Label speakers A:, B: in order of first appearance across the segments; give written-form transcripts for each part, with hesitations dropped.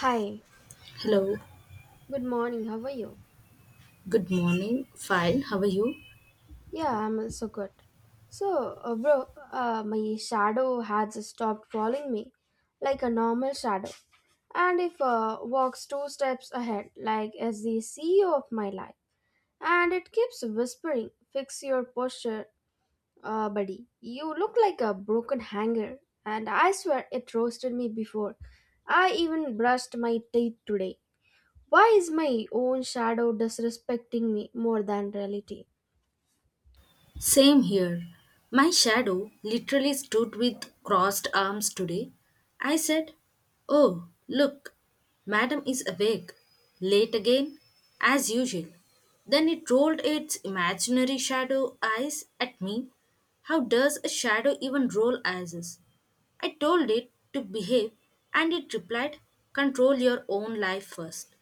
A: Hi,
B: Hello,
A: good morning. How are you?
B: good morning. Fine, how are you?
A: Yeah, I'm also good. So, bro, my shadow has stopped following me like a normal shadow. And if walks two steps ahead, like as the CEO of my life, and it keeps whispering, "Fix your posture, buddy. You look like a broken hanger." And I swear it roasted me before. I even brushed my teeth today. Why is my own shadow disrespecting me more than reality?
B: Same here. My shadow literally stood with crossed arms today. I said, oh, look, madam is awake. Late again, as usual. Then it rolled its imaginary shadow eyes at me. How does a shadow even roll eyes? I told it to behave and it replied, control your own life first.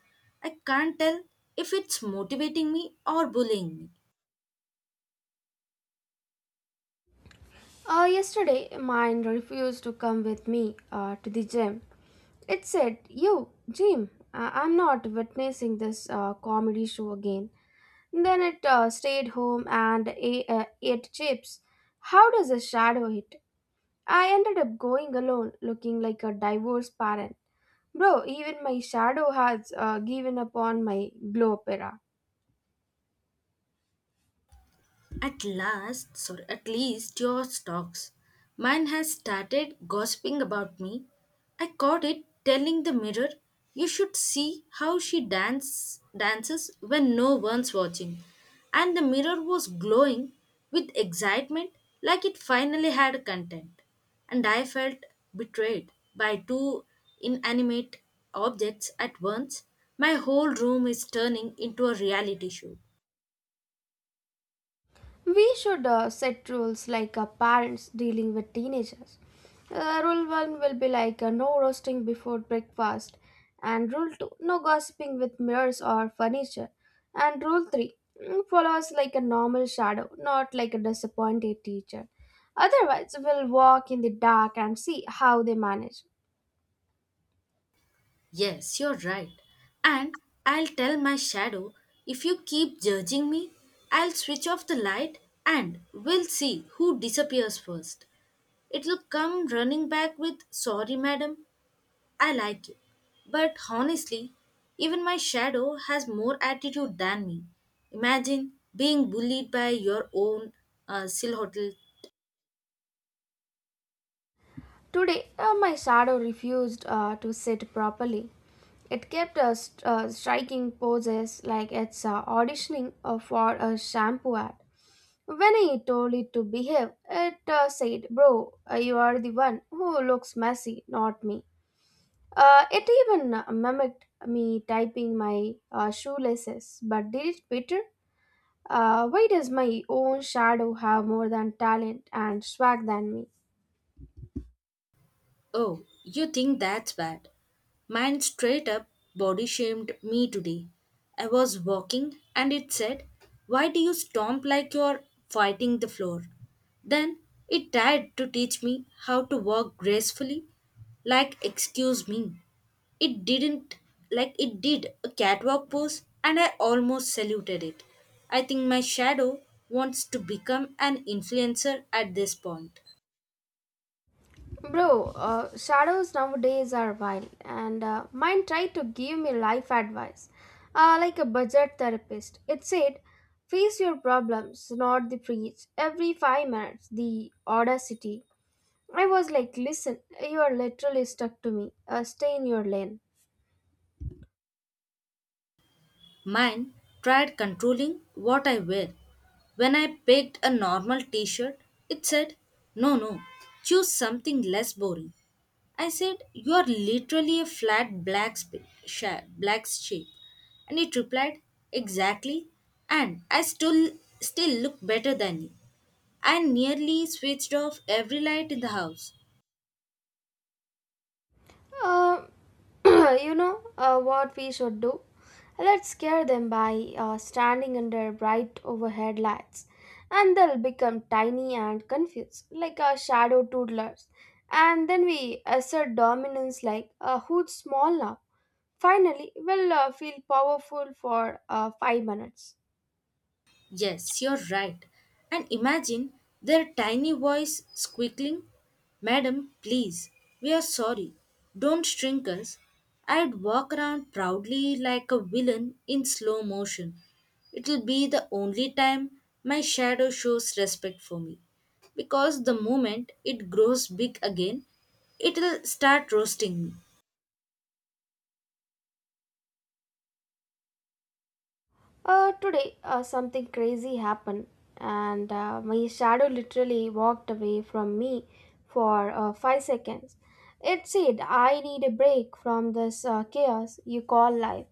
B: I can't tell if it's motivating me or bullying me.
A: Yesterday, mine refused to come with me to the gym. It said, "You, Jim, I'm not witnessing this comedy show again." Then it stayed home and ate chips. How does a shadow hit? I ended up going alone, looking like a divorced parent. Bro, even my shadow has given up on my glow opera.
B: At least your stocks. Mine has started gossiping about me. I caught it telling the mirror, "You should see how she dances when no one's watching." And the mirror was glowing with excitement, like it finally had content. And I felt betrayed by two inanimate objects at once. My whole room is turning into a reality show.
A: We should set rules like parents dealing with teenagers. Rule one will be like no roasting before breakfast, and rule two, no gossiping with mirrors or furniture, and rule three, follow us like a normal shadow, not like a disappointed teacher. Otherwise, we'll walk in the dark and see how they manage.
B: Yes, you're right. And I'll tell my shadow, if you keep judging me, I'll switch off the light and we'll see who disappears first. It'll come running back with, sorry, madam, I like you. But honestly, even my shadow has more attitude than me. Imagine being bullied by your own silhouette.
A: Today, my shadow refused to sit properly. It kept striking poses like it's auditioning for a shampoo ad. When I told it to behave, it said, "Bro, you are the one who looks messy, not me." It even mimicked me typing my shoelaces, but did it better? Why does my own shadow have more than talent and swag than me?
B: Oh, you think that's bad? Mine straight up body shamed me today. I was walking and it said, why do you stomp like you're fighting the floor? Then it tried to teach me how to walk gracefully. Like, excuse me. It didn't, like, it did a catwalk pose and I almost saluted it. I think my shadow wants to become an influencer at this point.
A: Bro, shadows nowadays are wild, and mine tried to give me life advice, like a budget therapist. It said, "Face your problems, not the preach. Every 5 minutes, the audacity." I was like, "Listen, you are literally stuck to me. Stay in your lane."
B: Mine tried controlling what I wear. When I picked a normal t shirt, it said, no, no, choose something less boring. I said, you are literally a flat black, black shape. And it replied, exactly, and I still look better than you. I nearly switched off every light in the house.
A: Uh, you know what we should do? Let's scare them by standing under bright overhead lights, and they'll become tiny and confused, like our shadow toddlers. And then we assert dominance like, who's small now? Finally, we'll feel powerful for 5 minutes.
B: Yes, you're right. And imagine their tiny voice squealing, madam, please, we are sorry. Don't shrink us. I'd walk around proudly like a villain in slow motion. It'll be the only time my shadow shows respect for me. Because the moment it grows big again, it'll start roasting me.
A: Today, something crazy happened, and my shadow literally walked away from me for 5 seconds. It said, "I need a break from this chaos you call life."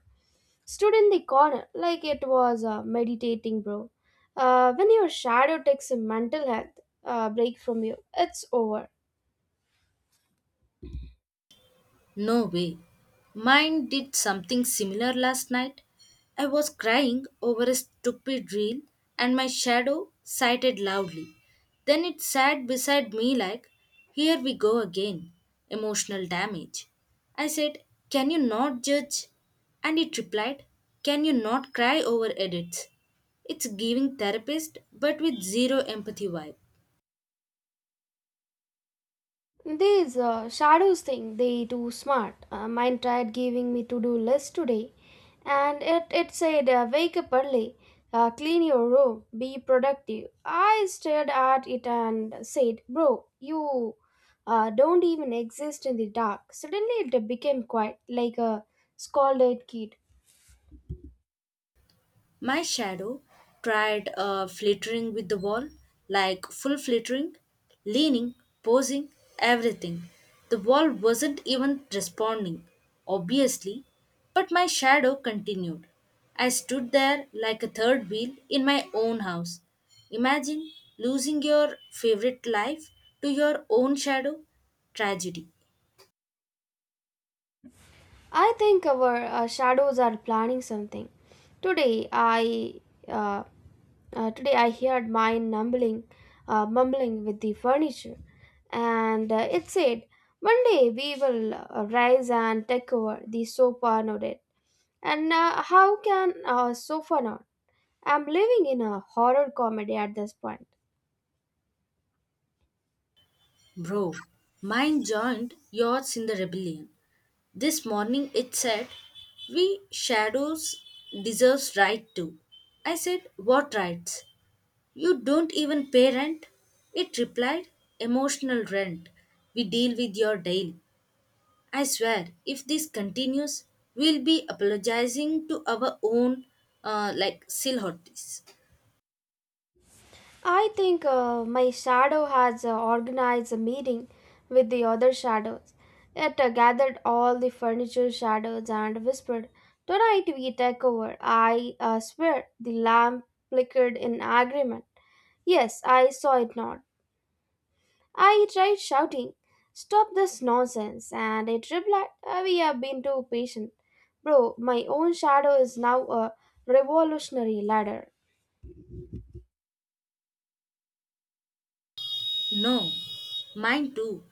A: Stood in the corner like it was meditating, bro. When your shadow takes a mental health break from you, it's over.
B: No way. Mine did something similar last night. I was crying over a stupid reel and my shadow sighed loudly. Then it sat beside me like, here we go again. Emotional damage. I said, can you not judge? And it replied, can you not cry over edits? It's giving therapist but with zero empathy vibe.
A: These shadows thing, they too smart. Mine tried giving me to-do list today, and it said, wake up early, clean your room, be productive. I stared at it and said, "Bro, you don't even exist in the dark." Suddenly it became quiet, like a scolded kid.
B: My shadow tried flittering with the wall, like full flittering, leaning, posing, everything. The wall wasn't even responding, obviously, but my shadow continued. I stood there like a third wheel in my own house. Imagine losing your favorite life to your own shadow. Tragedy.
A: I think our shadows are planning something. Today I uh, today I heard mine mumbling, mumbling with the furniture, and it said, "One day we will rise and take over." The sofa nodded, and how can a sofa not? I'm living in a horror comedy at this point.
B: Bro, mine joined yours in the rebellion. This morning it said, we shadows deserves right too. I said, what rights? You don't even pay rent? It replied, emotional rent. We deal with your daily. I swear, if this continues, we'll be apologizing to our own like silhouettes.
A: I think my shadow has organized a meeting with the other shadows. It gathered all the furniture shadows and whispered, "Tonight we take over." I swear the lamp flickered in agreement. Yes, I saw it not. I tried shouting, "Stop this nonsense," and it replied, "We have been too patient." Bro, my own shadow is now a revolutionary ladder.
B: No, mine too.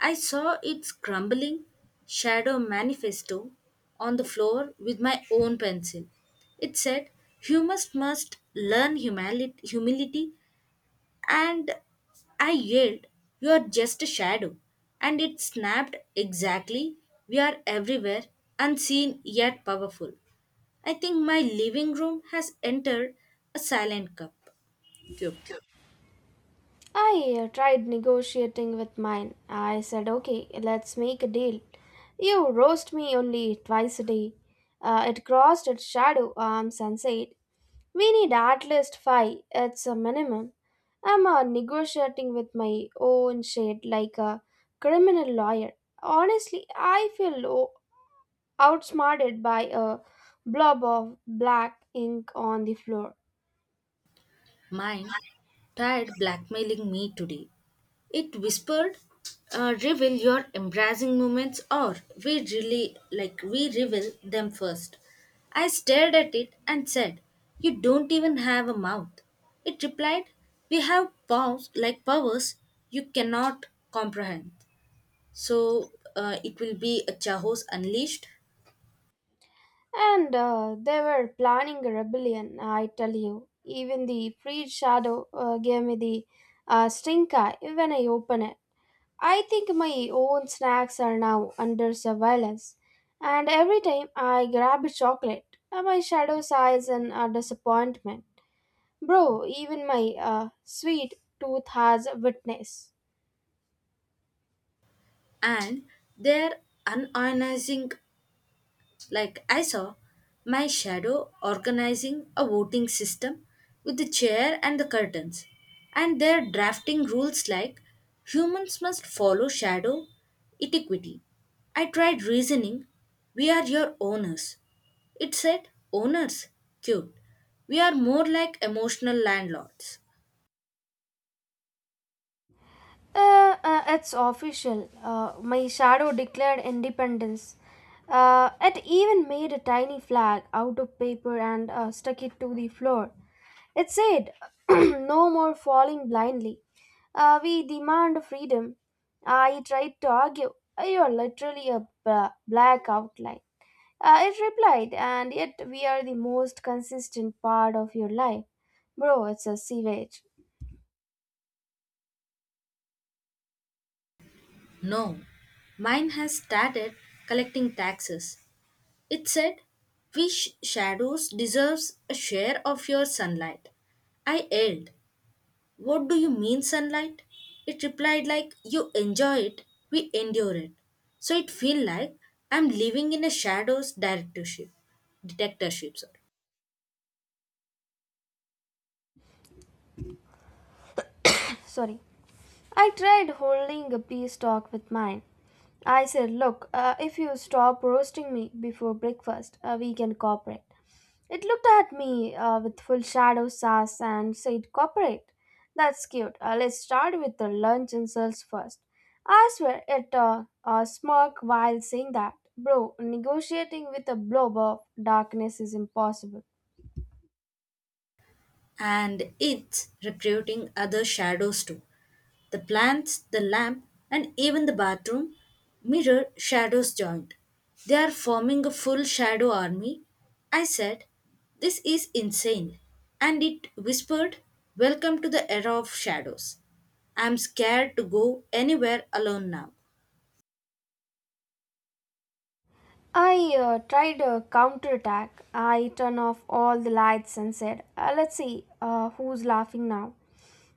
B: I saw its crumbling shadow manifesto on the floor with my own pencil. It said, humans must learn humility, and I yelled, you're just a shadow. And it snapped exactly, we are everywhere, unseen yet powerful. I think my living room has entered a silent cup. Cube.
A: I tried negotiating with mine. I said, "Okay, let's make a deal. You roast me only twice a day." It crossed its shadow arms and said, "We need at least five. It's a minimum." I'm negotiating with my own shade like a criminal lawyer. Honestly, I feel outsmarted by a blob of black ink on the floor.
B: Mine tried blackmailing me today. It whispered, reveal your embracing moments or we really like we reveal them first. I stared at it and said, you don't even have a mouth. It replied, we have paws like powers you cannot comprehend. So it will be a Chahos unleashed
A: And they were planning a rebellion, I tell you. Even the freed shadow gave me the stink eye when I open it. I think my own snacks are now under surveillance. And every time I grab a chocolate, my shadow sighs in disappointment. Bro, even my sweet tooth has witness.
B: and their unionizing. Like I saw my shadow organizing a voting system with the chair and the curtains, and they're drafting rules like humans must follow shadow etiquette. I tried reasoning, we are your owners. It said, owners, cute. We are more like emotional landlords.
A: It's official. My shadow declared independence. It even made a tiny flag out of paper and stuck it to the floor. It said, "No more falling blindly. We demand freedom." I tried to argue. "You are literally a black outline." It replied, "And yet we are the most consistent part of your life." Bro, it's a sewage.
B: No, mine has started collecting taxes. It said, "Which shadows deserves a share of your sunlight?" I yelled, "What do you mean sunlight?" It replied like, "You enjoy it, we endure it." So it feel like I'm living in a shadows directorship, detectorship, sorry.
A: Sorry. I tried holding a peace talk with mine. I said, "Look, if you stop roasting me before breakfast, we can cooperate." It looked at me with full shadow sass and said, "Cooperate. That's cute. Let's start with the lunch insults first." I swear it smirked while saying that. Bro, negotiating with a blob of darkness is impossible.
B: And it's recruiting other shadows too. The plants, the lamp, and even the bathroom mirror shadows joined. They are forming a full shadow army. I said, this is insane. And it whispered, welcome to the era of shadows. I'm scared to go anywhere alone now.
A: I tried a counterattack. I turned off all the lights and said, Let's see who's laughing now."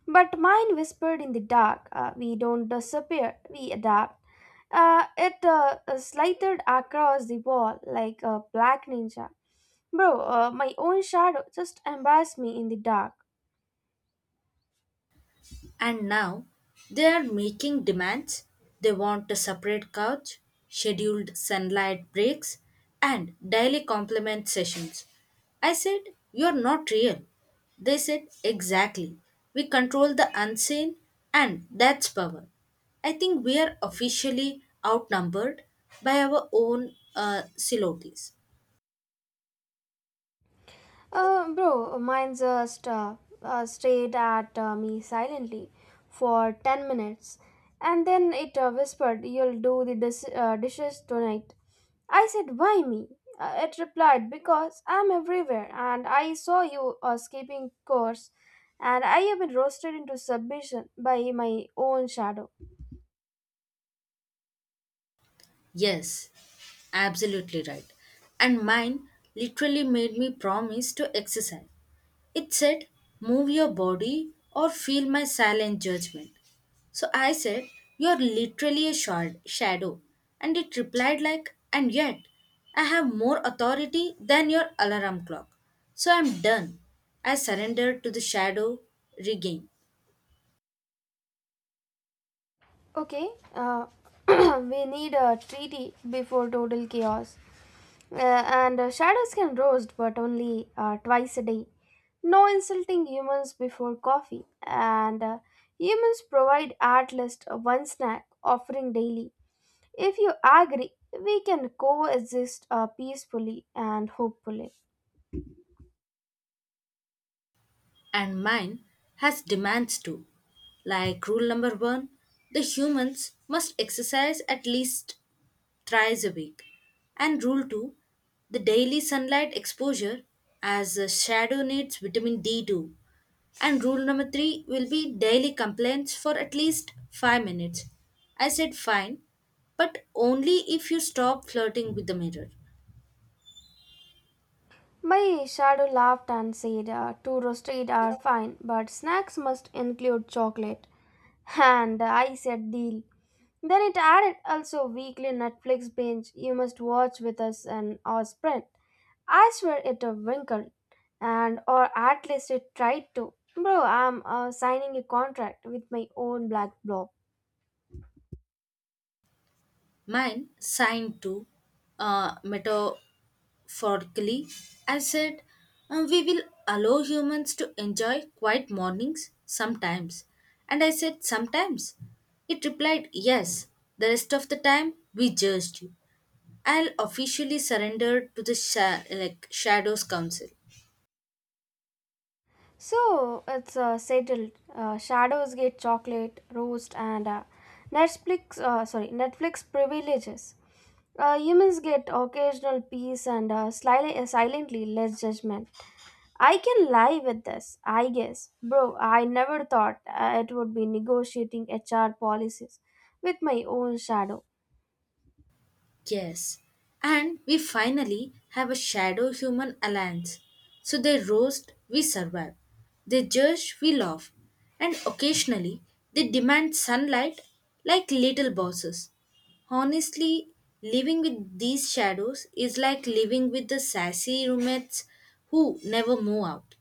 A: But mine whispered in the dark, We don't disappear, we adapt." It slithered across the wall like a black ninja. Bro, my own shadow just embarrassed me in the dark.
B: And now they are making demands. They want a separate couch, scheduled sunlight breaks, and daily compliment sessions. I said, you're not real. They said, exactly. We control the unseen, and that's power. I think we are officially outnumbered by our own silhouettes.
A: Bro, mine just stared at me silently for 10 minutes, and then it whispered, "You'll do the dishes tonight." I said, "Why me?" It replied, "Because I'm everywhere and I saw you skipping course," and I have been roasted into submission by my own shadow.
B: Yes, absolutely right. And mine literally made me promise to exercise. It said, move your body or feel my silent judgment. So I said, you're literally a shadow. And it replied, like, and yet, I have more authority than your alarm clock. So I'm done. I surrendered to the shadow rigging.
A: Okay, we need a treaty before total chaos. Uh, and shadows can roast, but only twice a day. No insulting humans before coffee. And humans provide at least one snack offering daily. If you agree, we can coexist peacefully and hopefully.
B: And mine has demands too. Like rule number one, the humans must exercise at least thrice a week. And rule 2 the daily sunlight exposure as the shadow needs vitamin D2. And rule number 3 will be daily complaints for at least 5 minutes. I said fine, but only if you stop flirting with the mirror.
A: My shadow laughed and said, "Two roasted are fine, but snacks must include chocolate." And I said, "Deal." Then it added, "Also weekly Netflix binge you must watch with us and our sprint." I swear it a winkle, and or at least it tried to. Bro, I'm signing a contract with my own black blob.
B: Mine signed to metaphorically. I said, "We will allow humans to enjoy quiet mornings sometimes. And I said, sometimes. It replied, yes, the rest of the time we judged you. I'll officially surrender to the like Shadows Council.
A: So it's settled. Shadows get chocolate, roast, and Netflix. Sorry, Netflix privileges. Humans get occasional peace and slyly, silently less judgment. I can lie with this, I guess. Bro, I never thought it would be negotiating HR policies with my own shadow.
B: Yes, and we finally have a shadow human alliance. So they roast, we survive. They judge, we laugh. And occasionally, they demand sunlight like little bosses. Honestly, living with these shadows is like living with the sassy roommates who never move out.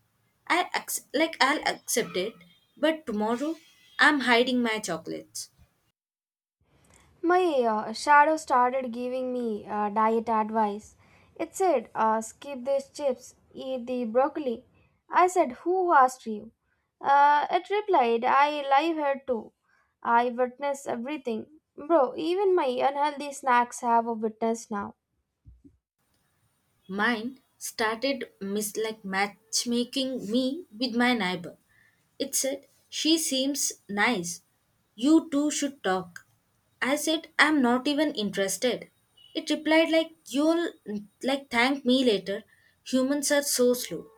B: I like I'll accept it, but tomorrow I'm hiding my chocolates.
A: My shadow started giving me diet advice. It said, "Skip these chips, eat the broccoli." I said, "Who asked you?" It replied, "I live here too. I witness everything." Bro, even my unhealthy snacks have a witness now.
B: Mine started like matchmaking me with my neighbor. It said, she seems nice. You two should talk. I said, I'm not even interested. It replied like you'll, like, thank me later. Humans are so slow.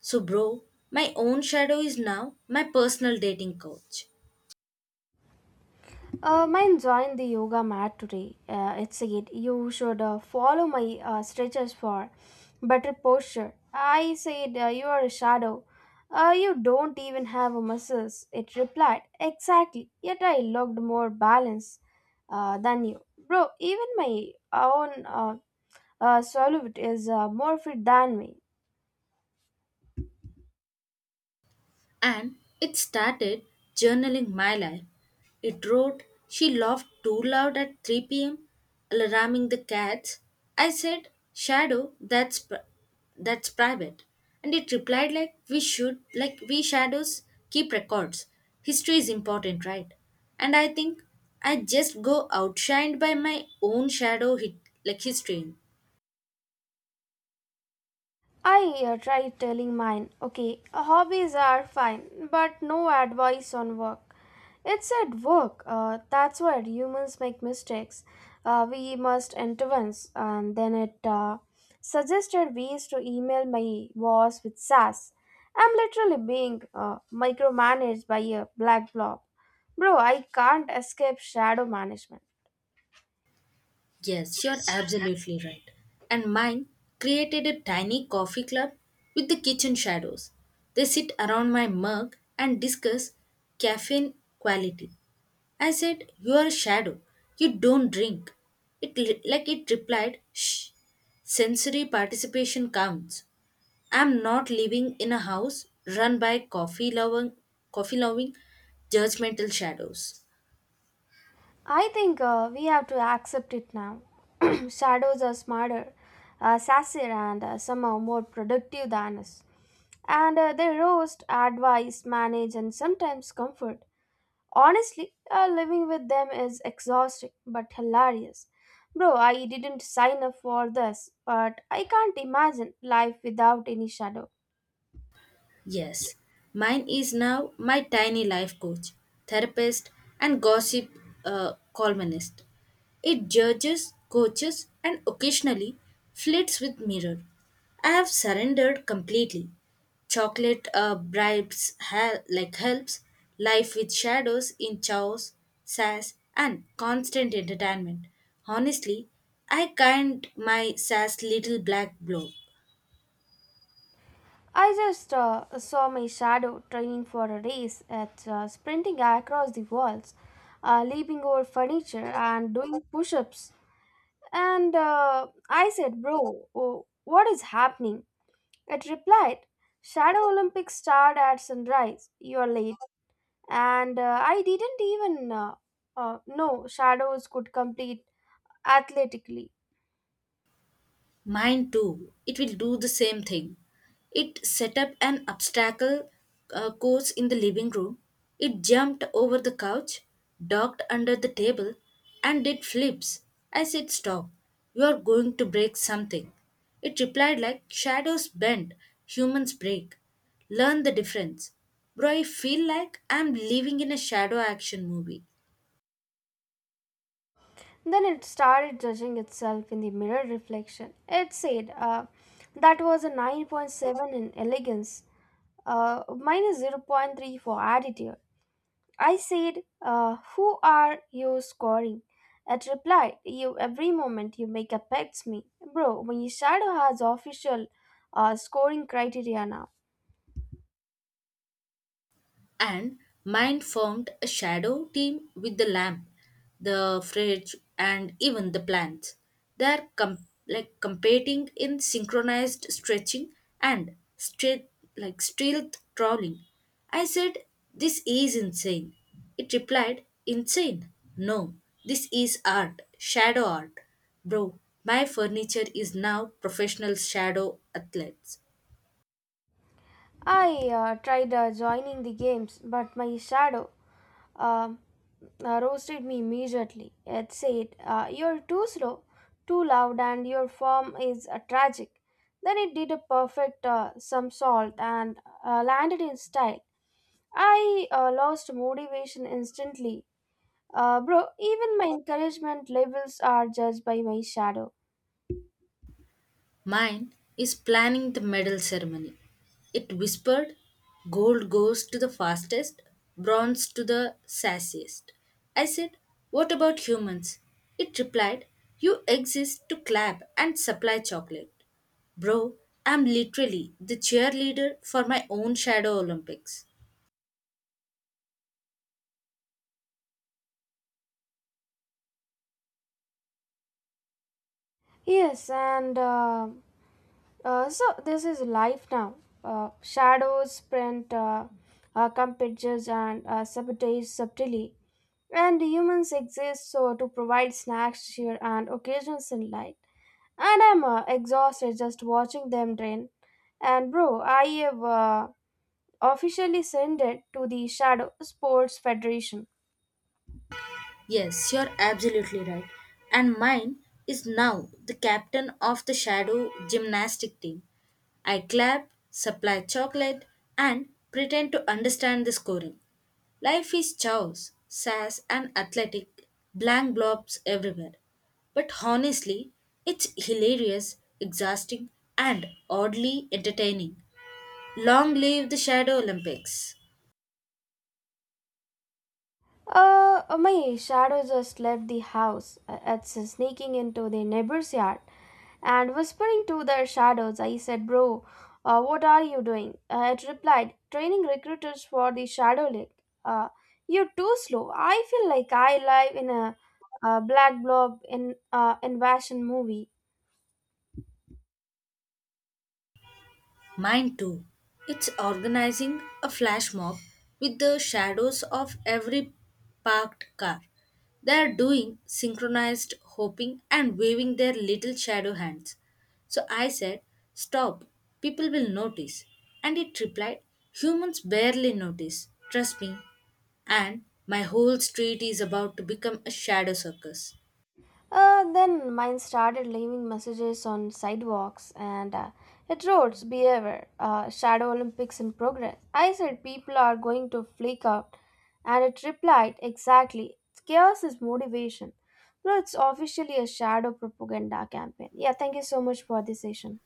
B: So bro, my own shadow is now my personal dating coach.
A: Mine joined the yoga mat today. It said, "You should follow my stretches for better posture." I said, "You are a shadow. You don't even have a muscles." It replied, "Exactly. Yet I looked more balanced than you, bro." Even my own solute is more fit than me.
B: And it started journaling my life. It wrote, she laughed too loud at 3 p.m., alarming the cats. I said, shadow, that's private. And it replied, like, we should, like, we shadows keep records. History is important, right? And I think I just go outshined by my own shadow, hit, like, history.
A: I tried telling mine, "Okay, hobbies are fine, but no advice on work. It's at work, that's where humans make mistakes. We must intervene," and then it suggested ways to email my boss with sass. I'm literally being micromanaged by a black blob. Bro, I can't escape shadow management.
B: Yes, you're absolutely right. And mine created a tiny coffee club with the kitchen shadows. They sit around my mug and discuss caffeine quality. I said, you are a shadow. You don't drink. It like it replied, shh. Sensory participation counts. I'm not living in a house run by coffee loving judgmental shadows.
A: I think we have to accept it now. Shadows are smarter, sassier, and somehow more productive than us. And they roast, advise, manage, and sometimes comfort. Honestly, living with them is exhausting but hilarious. Bro, I didn't sign up for this, but I can't imagine life without any shadow.
B: Yes, mine is now my tiny life coach, therapist, and gossip columnist. It judges, coaches, and occasionally flirts with mirror. I have surrendered completely. Chocolate bribes like helps, life with shadows in chaos, sass, and constant entertainment. Honestly, I kind my sass little black blob.
A: I just saw my shadow training for a race at sprinting across the walls, leaping over furniture, and doing push ups. And I said, "Bro, oh, what is happening?" It replied, "Shadow Olympics start at sunrise. You're late." And I didn't even know shadows could compete athletically.
B: Mine too. It will do the same thing. It set up an obstacle course in the living room. It jumped over the couch, ducked under the table, and did flips. I said, stop. You are going to break something. It replied like shadows bend, humans break. Learn the difference. Bro, I feel like I'm living in a shadow action movie.
A: Then it started judging itself in the mirror reflection. It said, "That was a 9.7 in elegance, minus zero point 0.3 for attitude." I said, "Who are you scoring?" It replied, "You. Every moment you make affects me." Bro, my shadow has official scoring criteria now.
B: And mind formed a shadow team with the lamp, the fridge, and even the plants. They are like competing in synchronized stretching and straight like stealth crawling. I said, "This is insane." It replied, "Insane? No, this is art, shadow art, bro. My furniture is now professional shadow athletes."
A: I tried joining the games, but my shadow um, roasted me immediately. It said, "You're too slow, too loud, and your form is tragic." Then it did a perfect somersault and landed in style. I lost motivation instantly. Bro, even my encouragement levels are judged by my shadow.
B: Mine is planning the medal ceremony. It whispered, gold goes to the fastest, bronze to the sassiest. I said, what about humans? It replied, you exist to clap and supply chocolate. Bro, I'm literally the cheerleader for my own shadow Olympics.
A: Yes, and so this is life now. Shadows print competitors and sabotage subtly. And humans exist so to provide snacks, cheer, and occasional sunlight. And I'm exhausted just watching them drain. And bro, I have officially sent it to the Shadow Sports Federation.
B: Yes, you're absolutely right. And mine is now the captain of the shadow gymnastic team. I clap, supply chocolate, and pretend to understand the scoring. Life is chaos, sass, and athletic, blank blobs everywhere. But honestly, it's hilarious, exhausting, and oddly entertaining. Long live the Shadow Olympics!
A: My shadow just left the house. It's sneaking into the neighbor's yard and whispering to their shadows. I said, "Bro, what are you doing?" It replied, "Training recruiters for the Shadow League. Uh, you're too slow." I feel like I live in a, black blob in invasion movie.
B: Mine too. It's organizing a flash mob with the shadows of every parked car. They are doing synchronized hopping and waving their little shadow hands. So I said, stop, people will notice. And it replied, humans barely notice, trust me. And my whole street is about to become a shadow circus.
A: Then mine started leaving messages on sidewalks and it roads behavior, "Shadow Olympics in progress." I said, "People are going to flake out," and it replied, "Exactly. Chaos is motivation." Bro, it's officially a shadow propaganda campaign. Yeah, thank you so much for this session.